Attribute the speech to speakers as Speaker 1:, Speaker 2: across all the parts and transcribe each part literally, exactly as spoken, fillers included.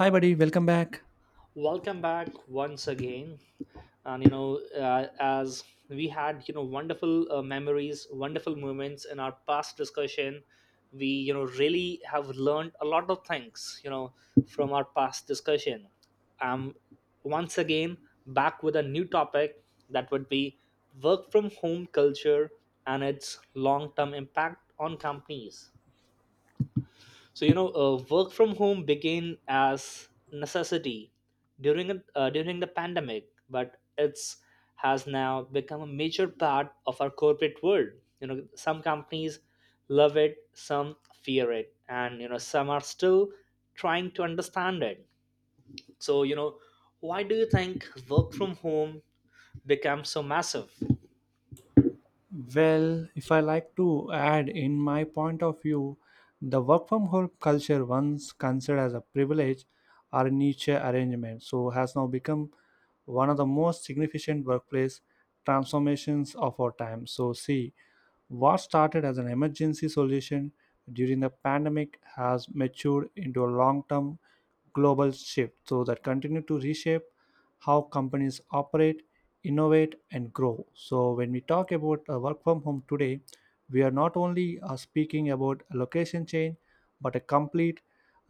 Speaker 1: Hi, buddy. Welcome back.
Speaker 2: Welcome back once again. And you know uh, as we had you know wonderful uh, memories, wonderful moments in our past discussion. We you know really have learned a lot of things, you know from our past discussion. I'm once again back with a new topic. That would be work from home culture and its long term impact on companies. So you know, uh, work from home began as necessity during a- uh, during the pandemic, but it's has now become a major part of our corporate world. You know, some companies love it, some fear it, and you know, some are still trying to understand it. So you know, why do you think work from home becomes so massive?
Speaker 1: Well, if I like to add in my point of view, the work from home culture, once considered as a privilege or a niche arrangement, so has now become one of the most significant workplace transformations of our time. So, see, what started as an emergency solution during the pandemic has matured into a long term global shift so that continue to reshape how companies operate, innovate, and grow. So, when we talk about uh, work from home today, we are not only uh, speaking about a location change, but a complete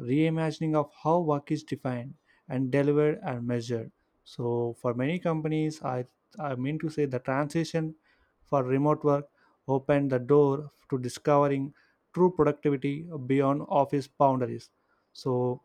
Speaker 1: reimagining of how work is defined and delivered and measured. So, for many companies, I, I mean to say the transition for remote work opened the door to discovering true productivity beyond office boundaries. So,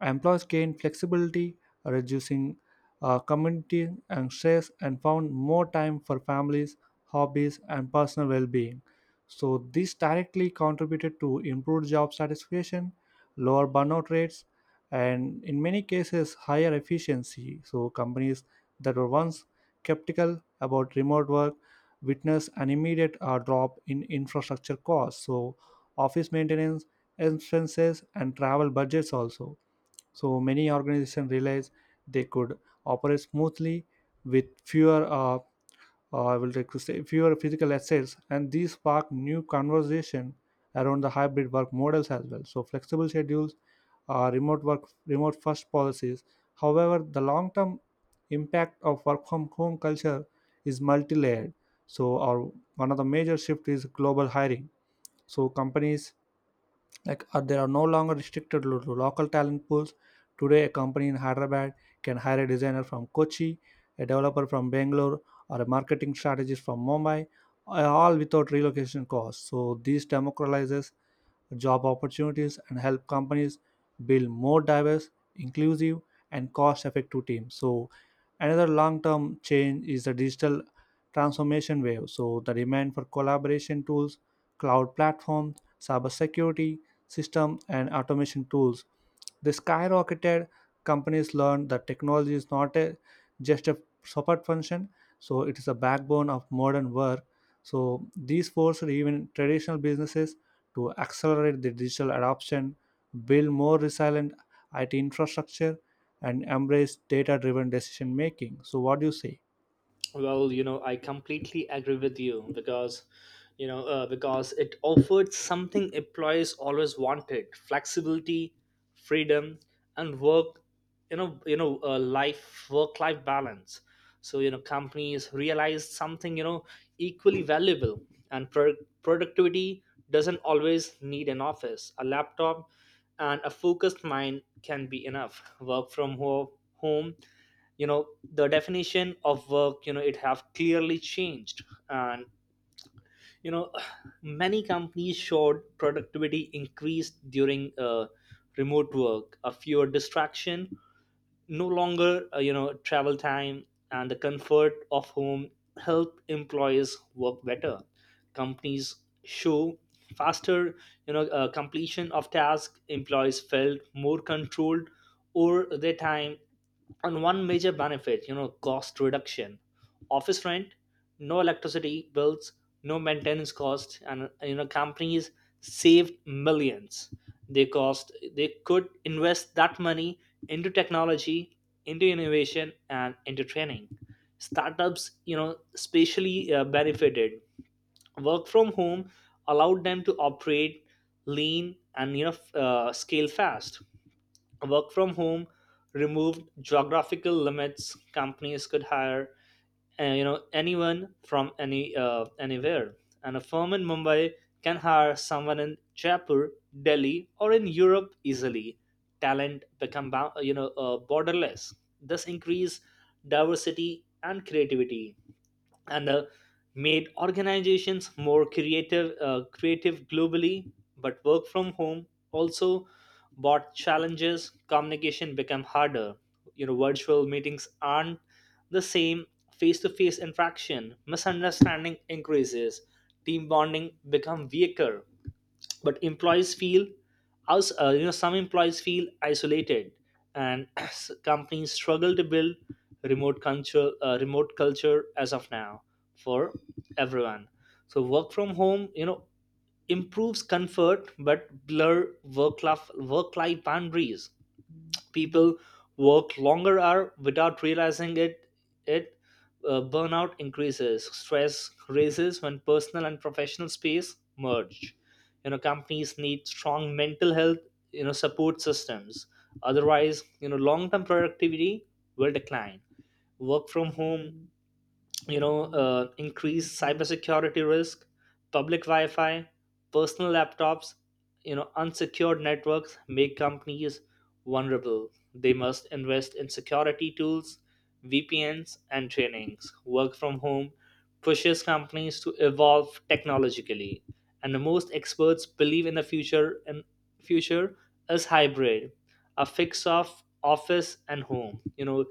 Speaker 1: employees gained flexibility, reducing uh, community and stress, and found more time for families, hobbies, and personal well being. So, this directly contributed to improved job satisfaction, lower burnout rates, and in many cases, higher efficiency. So, companies that were once skeptical about remote work witnessed an immediate uh, drop in infrastructure costs. So, office maintenance, expenses, and travel budgets also. So many organizations realized they could operate smoothly with fewer, uh, uh, I will like to say, fewer physical assets, and these sparked new conversation around the hybrid work models as well. So flexible schedules, uh, remote work, remote first policies. However, the long-term impact of work from home culture is multi-layered. So, our one of the major shift is global hiring. So companies like uh, they are no longer restricted to to local talent pools. Today a company in Hyderabad can hire a designer from Kochi, a developer from Bangalore, or a marketing strategist from Mumbai, uh, all without relocation costs. So this democratizes job opportunities and help companies build more diverse, inclusive, and cost effective teams. So, another long term change is the digital transformation wave. So, the demand for collaboration tools, cloud platforms, cybersecurity, system, and automation tools, they skyrocketed. Companies learned that technology is not a, just a support function, so it is a backbone of modern work. So these forced even traditional businesses to accelerate the digital adoption, build more resilient IT infrastructure, and embrace data driven decision making. So what do you say?
Speaker 2: Well, you know, I completely agree with you because, you know, uh, because it offered something employees always wanted: flexibility, freedom, and work. You know, you know, uh, life, work-life balance. So you know, companies realized something, you know equally valuable, and pro- productivity doesn't always need an office. A laptop and a focused mind can be enough. Work from ho- home you know The definition of work, you know it have clearly changed. And you know many companies showed productivity increased during uh, remote work, a fewer distraction, no longer uh, you know travel time, and the comfort of home help employees work better. Companies show faster, you know uh, completion of task. Employees felt more controlled over their time. And one major benefit, you know cost reduction, office rent, no electricity bills, no maintenance cost. And you know companies saved millions. They cost, they could invest that money into technology, into innovation, and into training. Startups, you know especially uh, benefited. Work from home allowed them to operate lean and you know f- uh, scale fast. Work from home removed geographical limits. Companies could hire uh, you know anyone from any uh, anywhere. And a firm in Mumbai can hire someone in Jaipur, Delhi, or in Europe easily. Talent become bou- you know uh, borderless. This increase diversity and creativity, and uh, made organizations more creative, uh, creative globally. But work from home also brought challenges. Communication became harder. You know, virtual meetings aren't the same face-to-face interaction. Misunderstanding increases, team bonding become weaker. But employees feel us, uh, You know, some employees feel isolated, and s- companies struggle to build remote culture, uh, remote culture as of now for everyone. So work from home, you know improves comfort but blur work life work life boundaries. People work longer hours without realizing it it uh, Burnout increases, stress raises when personal and professional space merge. You know, companies need strong mental health, you know support systems. Otherwise, you know long term productivity will decline. Work from home, you know uh, increased cybersecurity risk. Public wi-fi, personal laptops, you know unsecured networks make companies vulnerable. They must invest in security tools, vpns, and trainings. Work from home pushes companies to evolve technologically. And the most experts believe in the future, and future is hybrid, a fix of office and home. You know,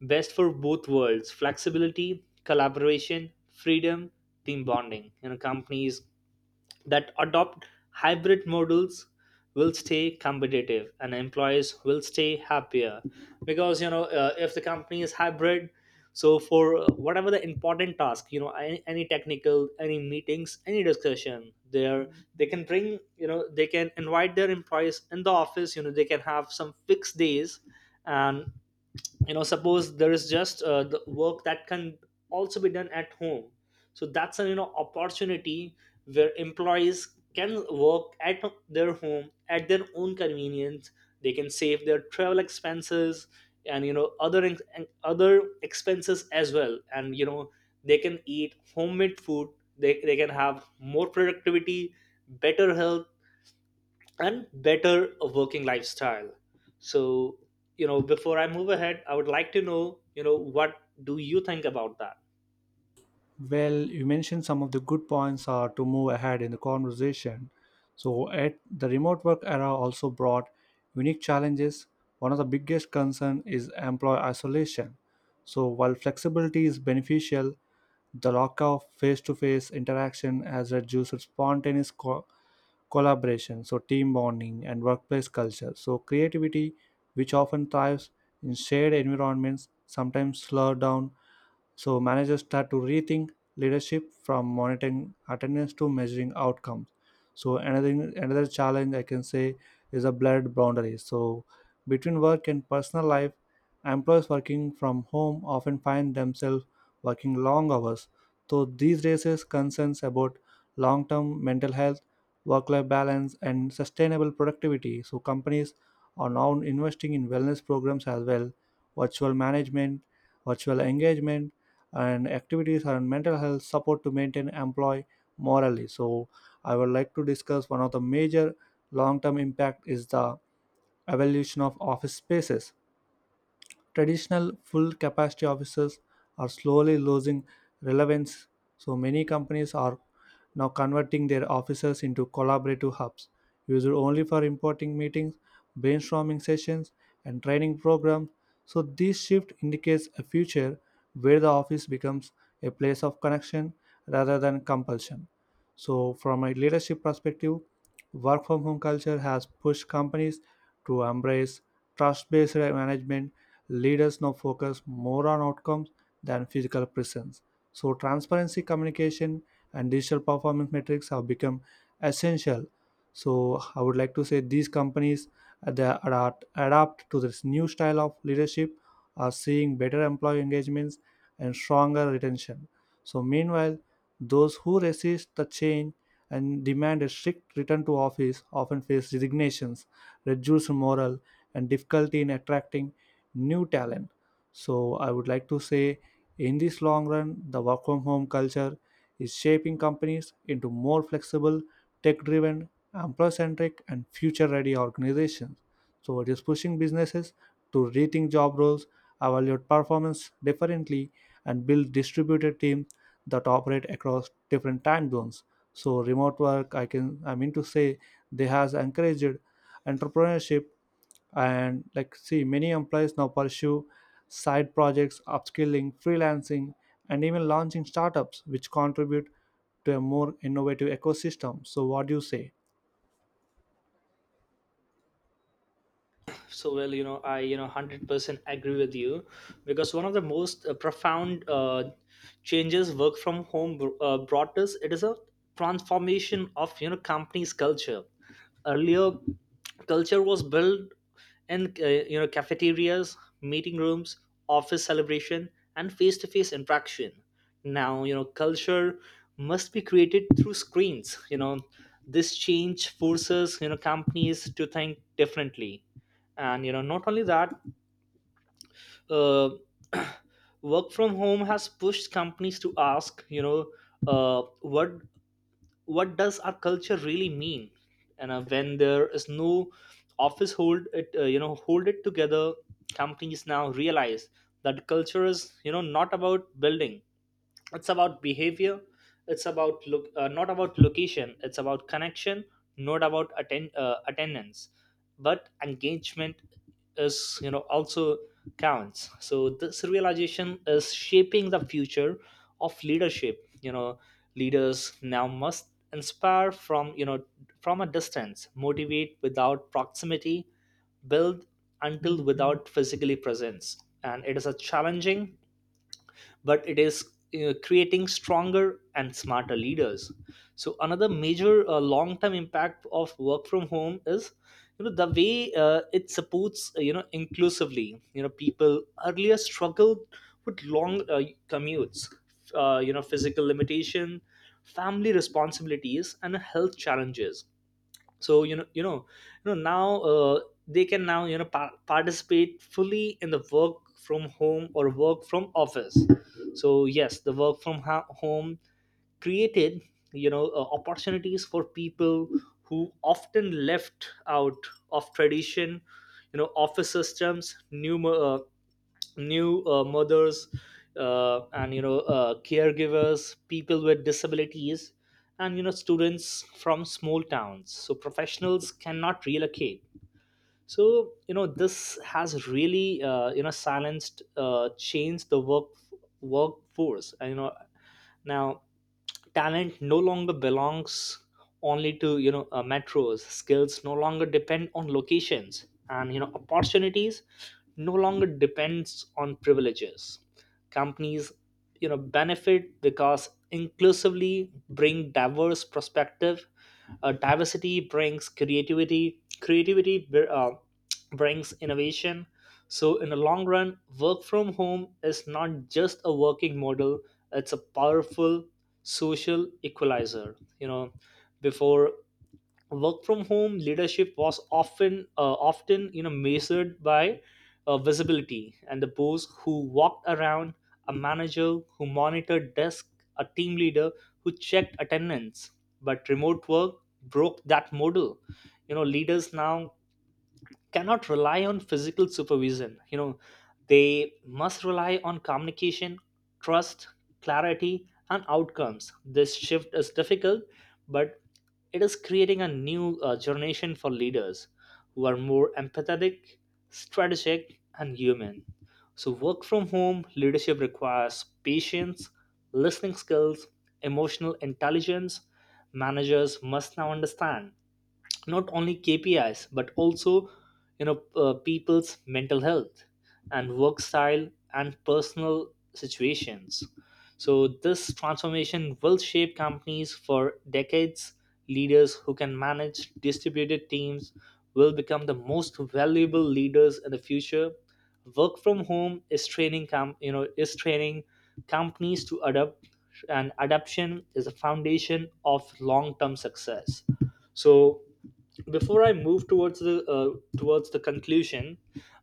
Speaker 2: best for both worlds: flexibility, collaboration, freedom, team bonding. You know, companies that adopt hybrid models will stay competitive and employees will stay happier. Because you know uh, if the company is hybrid, so for uh, whatever the important task, you know any, any technical, any meetings, any discussion there, they can bring, you know, they can invite their employees in the office. You know, they can have some fixed days. And you know, suppose there is just uh, the work that can also be done at home. So that's an, you know opportunity where employees can work at their home at their own convenience. They can save their travel expenses and you know other ex- and other expenses as well. And you know, they can eat homemade food. They, they can have more productivity, better health, and better working lifestyle. So you know, before I move ahead, I would like to know, you know, what do you think about that?
Speaker 1: Well, you mentioned some of the good points are to move ahead in the conversation. So, at the remote work era also brought unique challenges. One of the biggest concern is employee isolation. So, while flexibility is beneficial, the lack of face-to-face interaction has reduced spontaneous co- collaboration, so team bonding and workplace culture. So, creativity, which often thrives in shared environments, sometimes slowed down, so managers start to rethink leadership from monitoring attendance to measuring outcomes. So another another challenge I can say is a blurred boundary. So between work and personal life, employees working from home often find themselves working long hours, so these raises concerns about long-term mental health, work-life balance, and sustainable productivity. So companies are now investing in wellness programs as well, virtual management, virtual engagement, and activities and mental health support to maintain employee morally. So I would like to discuss one of the major long-term impact is the evolution of office spaces. Traditional full capacity offices are slowly losing relevance, so many companies are now converting their offices into collaborative hubs, used only for important meetings, brainstorming sessions, and training programs. So, this shift indicates a future where the office becomes a place of connection rather than compulsion. So, from a leadership perspective, work from home culture has pushed companies to embrace trust based management. Leaders now focus more on outcomes than physical presence. So, transparency, communication, and digital performance metrics have become essential. So, I would like to say these companies uh, they adapt, adapt to this new style of leadership are seeing better employee engagements and stronger retention. So, meanwhile, those who resist the change and demand a strict return to office often face resignations, reduced morale, and difficulty in attracting new talent. So I would like to say, in this long run, the work from home culture is shaping companies into more flexible, tech driven, employee centric, and future ready organizations. So it is pushing businesses to rethink job roles, evaluate performance differently, and build distributed teams that operate across different time zones. So remote work, I can I mean to say, they has encouraged entrepreneurship, and like see many employees now pursue side projects, upskilling, freelancing, and even launching startups, which contribute to a more innovative ecosystem. So what do you say?
Speaker 2: So well, you know, i you know one hundred percent agree with you because one of the most uh, profound uh, changes work from home br- uh, brought us, it is a transformation of, you know, companies culture. Earlier, culture was built in, uh, you know cafeterias, meeting rooms, office celebration, and face-to-face interaction. Now, you know, culture must be created through screens. You know, this change forces, you know, companies to think differently. And you know, not only that, uh, work from home has pushed companies to ask, you know uh, what what does our culture really mean? And uh, when there is no office hold it uh, you know hold it together, companies now realize that culture is, you know, not about building, it's about behavior. It's about look uh, not about location, it's about connection, not about attend uh, attendance, but engagement is, you know, also counts. So this realization is shaping the future of leadership. You know, leaders now must inspire from, you know from a distance, motivate without proximity, build until without physically presence. And it is a challenging, but it is uh, creating stronger and smarter leaders. So another major uh, long term impact of work from home is, you know, the way uh, it supports, uh, you know inclusively. You know, people earlier struggled with long uh, commutes, uh, you know physical limitation, family responsibilities, and health challenges. So you know you know you know now uh, they can now, you know, par- participate fully in the work from home or work from office. So yes, the work from ho- home created, you know uh, opportunities for people who often left out of tradition. You know, office systems, new new uh, mothers, uh, and you know uh, caregivers, people with disabilities, and you know, students from small towns, so professionals cannot relocate. So you know, this has really, uh, you know silenced uh, changed the work workforce. And you know, now talent no longer belongs only to, you know uh, metros. Skills no longer depend on locations, and you know, opportunities no longer depends on privileges. Companies, you know, benefit because inclusively bring diverse perspective. Uh, diversity brings creativity, creativity br- uh, brings innovation. So in the long run, work from home is not just a working model, it's a powerful social equalizer. You know, before work from home, leadership was often uh, often you know measured by uh, visibility. And the boss who walked around, a manager who monitored desk, a team leader who checked attendance, but remote work broke that model. You know, leaders now cannot rely on physical supervision. You know, they must rely on communication, trust, clarity, and outcomes. This shift is difficult, but it is creating a new uh, generation for leaders who are more empathetic, strategic, and human. So work from home leadership requires patience, listening skills, emotional intelligence. Managers must now understand not only K P Is, but also you know uh, people's mental health, and work style, and personal situations. So this transformation will shape companies for decades. Leaders who can manage distributed teams will become the most valuable leaders in the future. Work from home is training com- you know is training companies to adapt, and adaptation is a foundation of long-term success. So before I move towards the uh, towards the conclusion,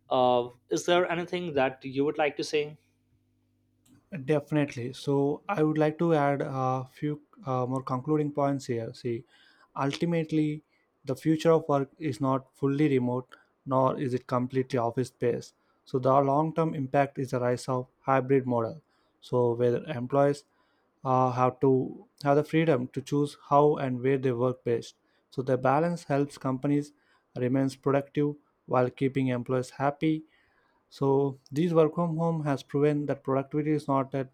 Speaker 2: uh, is there anything that you would like to say?
Speaker 1: Definitely. So I would like to add a few uh, more concluding points here. See, ultimately, the future of work is not fully remote, nor is it completely office based. So the long term impact is the rise of hybrid model. So where employees uh, have to have the freedom to choose how and where they work best. So the balance helps companies remains productive while keeping employees happy. So these work from home has proven that productivity is not that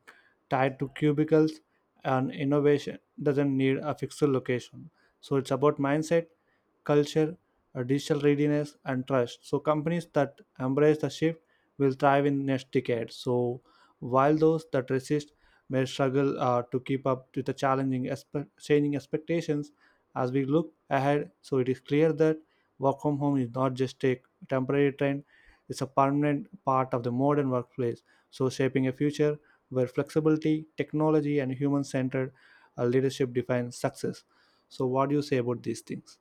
Speaker 1: tied to cubicles and innovation doesn't need a fixed location. So it's about mindset, culture, uh, digital readiness, and trust. So companies that embrace the shift will thrive in next decade. So while those that resist may struggle uh, to keep up with the challenging expe- changing expectations as we look ahead. So it is clear that work from home is not just a temporary trend, is a permanent part of the modern workplace. So, shaping a future where flexibility, technology, and human centered leadership define success. So, what do you say about these things?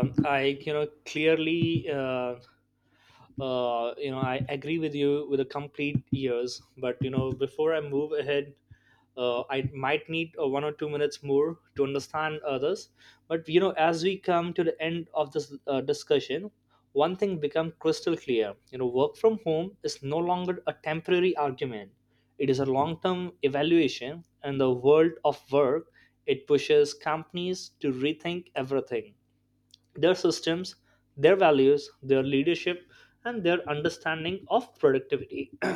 Speaker 2: Um, I you know clearly uh, uh, you know I agree with you with a complete ears, but you know, before I move ahead, uh, I might need uh, one or two minutes more to understand others. But you know, as we come to the end of this uh, discussion, one thing become crystal clear. You know, work from home is no longer a temporary argument. It is a long-term evaluation, and the world of work, it pushes companies to rethink everything: their systems, their values, their leadership, and their understanding of productivity.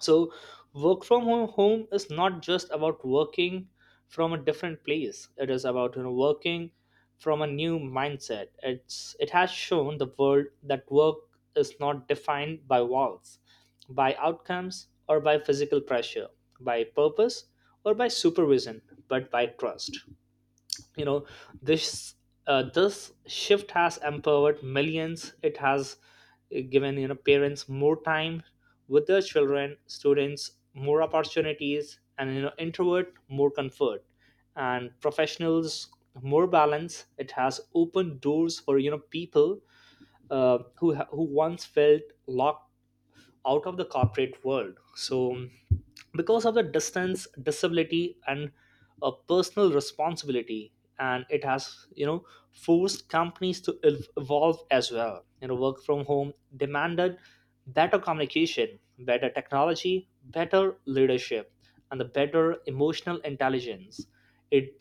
Speaker 2: So, work from ho- home is not just about working from a different place. It is about, you know, working from a new mindset. It's it has shown the world that work is not defined by walls, by outcomes, or by physical pressure, by purpose, or by supervision, but by trust. You know this uh, this shift has empowered millions. It has uh, given you know parents more time with their children, students more opportunities, and you know introvert more comfort, and professionals more balance. It has opened doors for you know people uh, who ha- who once felt locked out of the corporate world, so because of the distance, disability, and a personal responsibility. And it has you know forced companies to ev- evolve as well. You know work from home demanded better communication, better technology, better leadership, and the better emotional intelligence. It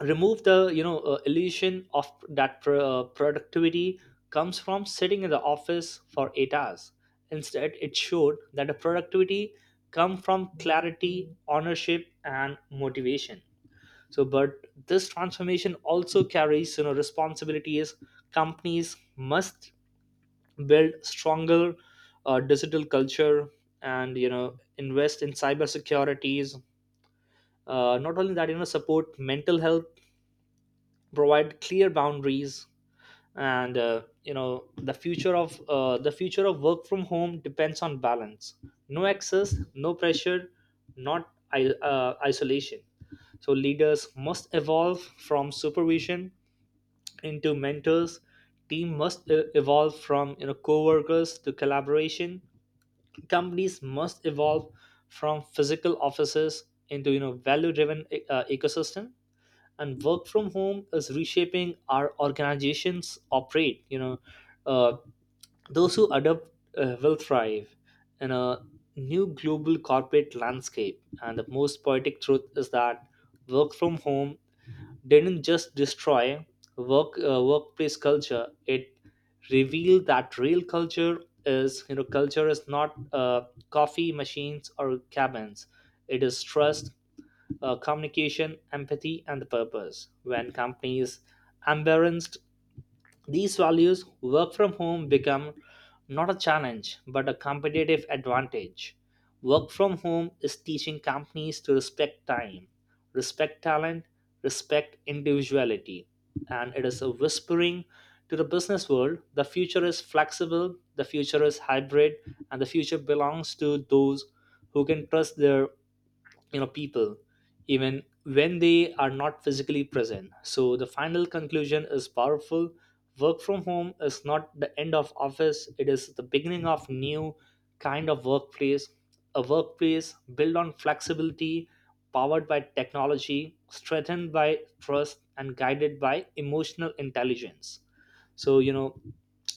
Speaker 2: remove the you know uh, illusion of that pr- uh, productivity comes from sitting in the office for eight hours. Instead it showed that the productivity come from clarity, ownership, and motivation. So but this transformation also carries you know responsibilities. Companies must build stronger uh, digital culture and you know invest in cyber securities. Uh, not only that, you know support mental health, provide clear boundaries. And uh, you know the future of uh, the future of work from home depends on balance. No excess, no pressure, not i- uh, isolation. So leaders must evolve from supervision into mentors. Team must e- evolve from you know co-workers to collaboration. Companies must evolve from physical offices into you know value driven uh, ecosystem. And work from home is reshaping our organizations operate. you know uh, those who adapt uh, will thrive in a new global corporate landscape. And the most poetic truth is that work from home didn't just destroy work uh, workplace culture. It revealed that real culture is you know culture is not uh, coffee machines or cabins. It is trust, uh, communication, empathy, and the purpose. When companies embrace these values, work from home become not a challenge but a competitive advantage. Work from home is teaching companies to respect time, respect talent, respect individuality. And it is a whispering to the business world: the future is flexible, the future is hybrid, and the future belongs to those who can trust their you know people even when they are not physically present. So the final conclusion is powerful. Work from home is not the end of office. It is the beginning of new kind of workplace, a workplace built on flexibility, powered by technology, strengthened by trust, and guided by emotional intelligence. So you know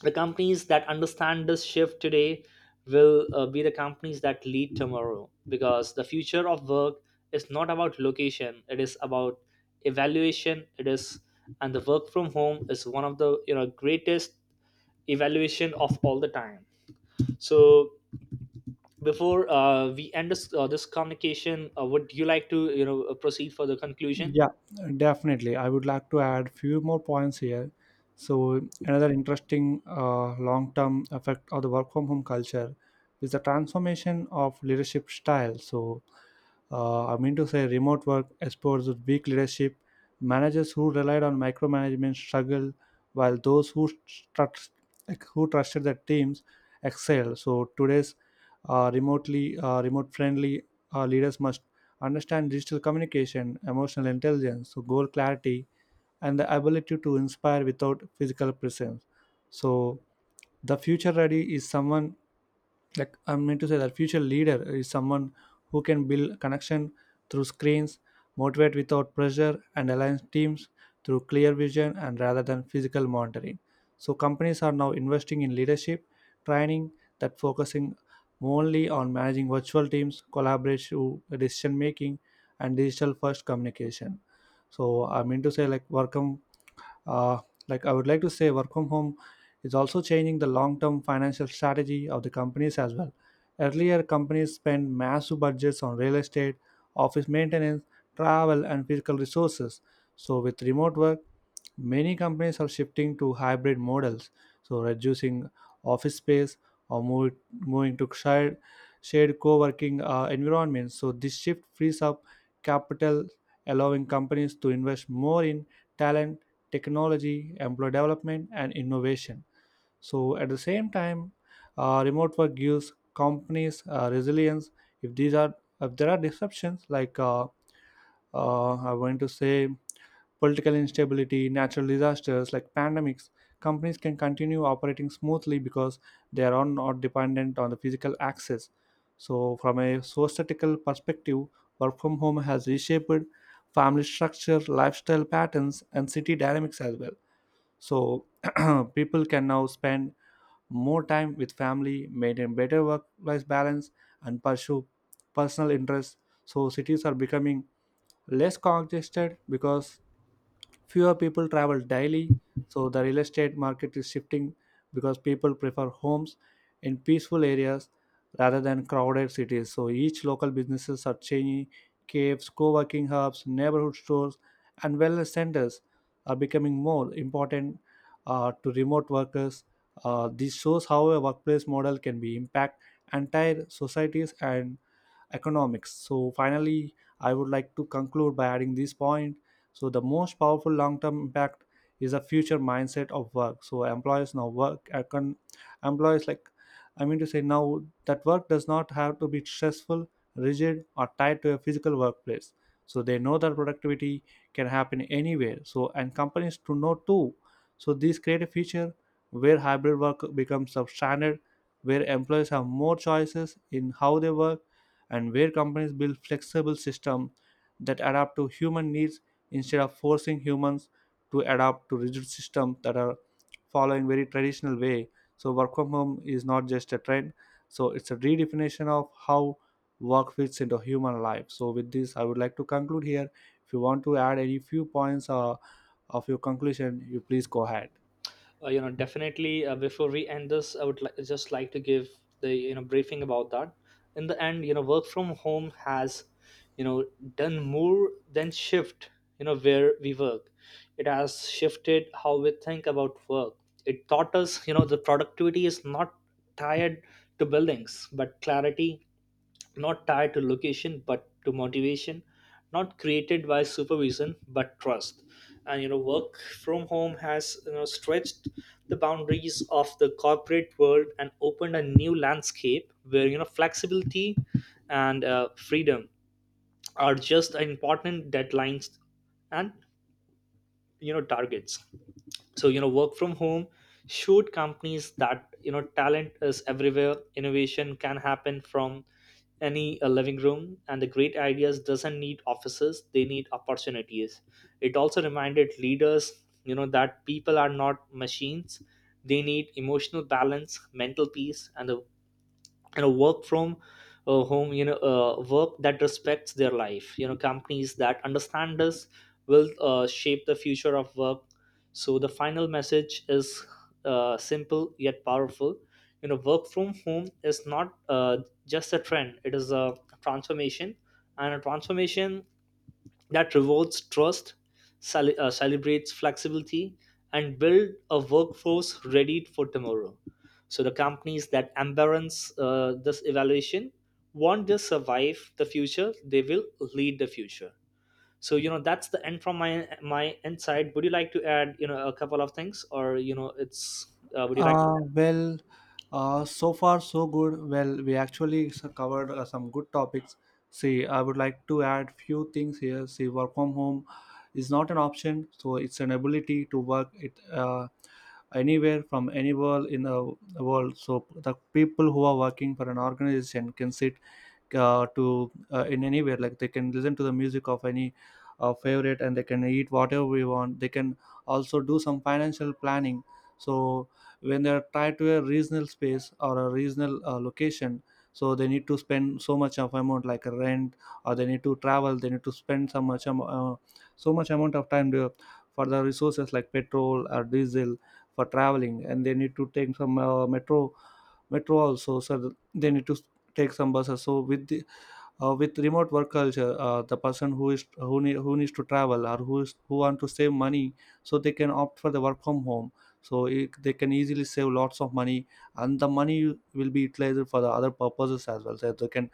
Speaker 2: the companies that understand this shift today will uh, be the companies that lead tomorrow, because the future of work, it's not about location, it is about evaluation it is. And the work from home is one of the you know greatest evaluation of all the time. So before uh, we end this uh, this communication, uh, would you like to you know uh, proceed for the conclusion?
Speaker 1: Yeah, definitely. I would like to add few more points here. So another interesting uh, long-term effect of the work from home culture is the transformation of leadership style. So uh, I mean to say, remote work exposes weak leadership. Managers who relied on micromanagement struggle, while those who trust, like, who trusted their teams excel. So today's uh, remotely uh, remote-friendly uh, leaders must understand digital communication, emotional intelligence, so goal clarity, and the ability to inspire without physical presence. So, the future ready is someone like I meant to say that future leader is someone who can build connection through screens, motivate without pressure, and align teams through clear vision and rather than physical monitoring. So companies are now investing in leadership training that focusing only on managing virtual teams, collaborative decision making, and digital first communication. So I mean to say like welcome uh, like I would like to say, work from home is also changing the long-term financial strategy of the companies as well. Earlier, companies spent massive budgets on real estate, office maintenance, travel, and physical resources. So with remote work, many companies are shifting to hybrid models, so reducing office space or move, moving to shared, shared co-working uh, environments. So this shift frees up capital, allowing companies to invest more in talent, technology, employee development, and innovation. So at the same time, uh, remote work gives companies uh, resilience. If these are if there are disruptions like uh, uh, I want to say political instability, natural disasters like pandemics, companies can continue operating smoothly because they are on- not dependent on the physical access. So, from a societal perspective, work from home has reshaped family structure, lifestyle patterns, and city dynamics as well. So, people can now spend more time with family, maintain better work life balance, and pursue personal interests. So, cities are becoming less congested because fewer people travel daily, so the real estate market is shifting because people prefer homes in peaceful areas rather than crowded cities. So each local businesses are changing, caves, co-working hubs, neighborhood stores, and wellness centers are becoming more important uh, to remote workers. Uh, this shows how a workplace model can be impact entire societies and economics. So finally, I would like to conclude by adding this point. So the most powerful long-term impact is a future mindset of work. So employers now work econ- employees like I mean to say now that work does not have to be stressful, rigid, or tied to a physical workplace. So they know that productivity can happen anywhere. So and companies to know too. So this create a future where hybrid work becomes substandard, where employees have more choices in how they work and where companies build flexible systems that adapt to human needs instead of forcing humans to adapt to rigid systems that are following very traditional way. So work from home is not just a trend, so it's a redefinition of how work fits into human life. So with this I would like to conclude here. If you want to add any few points uh, of your conclusion you please go ahead.
Speaker 2: Uh, you know definitely. Uh, before we end this, i would li- just like to give the you know briefing about that. In the end, you know work from home has you know done more than shift you know where we work. It has shifted how we think about work. It taught us you know the productivity is not tied to buildings but clarity, not tied to location but to motivation, not created by supervision but trust. And you know work from home has you know stretched the boundaries of the corporate world and opened a new landscape where you know flexibility and uh, freedom are just important deadlines and you know targets. So you know work from home showed companies that you know talent is everywhere, innovation can happen from any uh, living room, and the great ideas doesn't need offices, they need opportunities. It also reminded leaders you know that people are not machines. They need emotional balance, mental peace, and the you know work from uh, home, you know uh, work that respects their life. You know companies that understand this will uh, shape the future of work. So the final message is uh, simple yet powerful. You know work from home is not uh, just a trend, it is a transformation, and a transformation that rewards trust, cele- uh, celebrates flexibility, and build a workforce ready for tomorrow. So the companies that embrace uh, this evaluation won't just survive the future; they will lead the future. So you know that's the end from my my insight. Would you like to add you know a couple of things, or you know it's uh, would you like
Speaker 1: Uh, well, uh, so far so good. Well, we actually s- covered uh, some good topics. See, I would like to add few things here. See, work from home is not an option, so it's an ability to work it uh, anywhere from anywhere in the world. So the people who are working for an organization can sit uh, to uh, in anywhere. Like they can listen to the music of any uh, favorite, and they can eat whatever we want. They can also do some financial planning. So when they're tied to a regional space or a regional uh, location, so they need to spend so much of amount like a rent, or they need to travel, they need to spend so much am- uh, so much amount of time to, for the resources like petrol or diesel for traveling, and they need to take some uh, metro metro also, so th- they need to s- take some buses. So with the, uh, with remote work culture, uh, the person who is who, need, who needs to travel, or who is who want to save money, so they can opt for the work from home. So it, they can easily save lots of money, and the money will be utilized for the other purposes as well. So they can,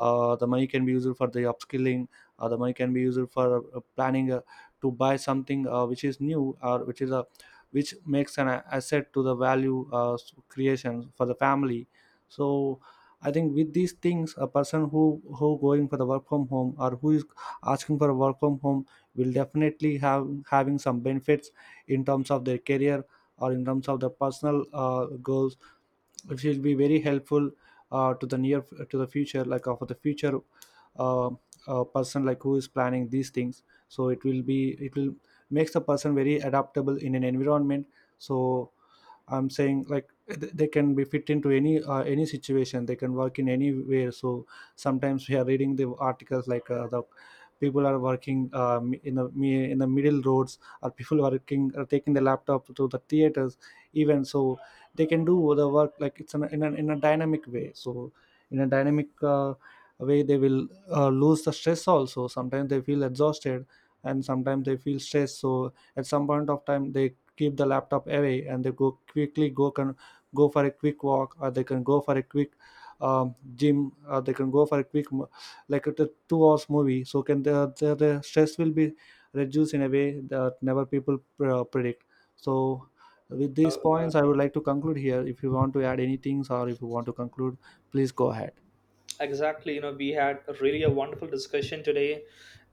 Speaker 1: uh, the money can be used for the upskilling. Uh, the money can be used for uh, planning, uh, to buy something uh, which is new, or which is a, which makes an a- asset to the value, uh, s- creation for the family. So I think with these things, a person who who going for the work from home, or who is asking for a work from home, will definitely have having some benefits in terms of their career, or in terms of their personal uh, goals. It will be very helpful uh, to the near, to the future, like uh, for the future, uh, uh, person like who is planning these things. So it will be it will makes the person very adaptable in an environment. So I'm saying like, eh, th- they can be fit into any uh, any situation, they can work in anywhere. So sometimes we are reading the articles, like uh, the people are working, um, in the mi- in the middle roads, or people working are taking the laptop to the theaters even. So they can do the work like it's in a, in a, in a dynamic way. So in a dynamic uh, way, they will uh, lose the stress also. Sometimes they feel exhausted, and sometimes they feel stressed. So at some point of time they keep the laptop away and they go quickly go can go for a quick walk, or they can go for a quick um, gym, or they can go for a quick mo- like a two hours movie. So can the, the, the stress will be reduced in a way that never people pr- uh, predict. So with these points I would like to conclude here. If you want to add any things, or if you want to conclude, please go ahead.
Speaker 2: Exactly, you know we had a really a wonderful discussion today,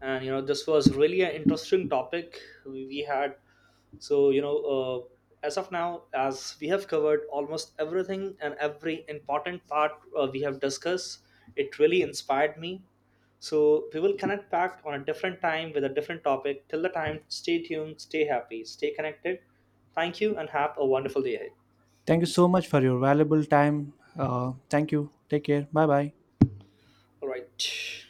Speaker 2: and you know this was really an interesting topic we we had So, you know, uh, as of now, as we have covered almost everything and every important part uh, we have discussed, it really inspired me. So, we will connect back on a different time with a different topic. Till the time, stay tuned, stay happy, stay connected. Thank you, and have a wonderful day ahead.
Speaker 1: Thank you so much for your valuable time. Uh, thank you, take care, bye bye.
Speaker 2: All right.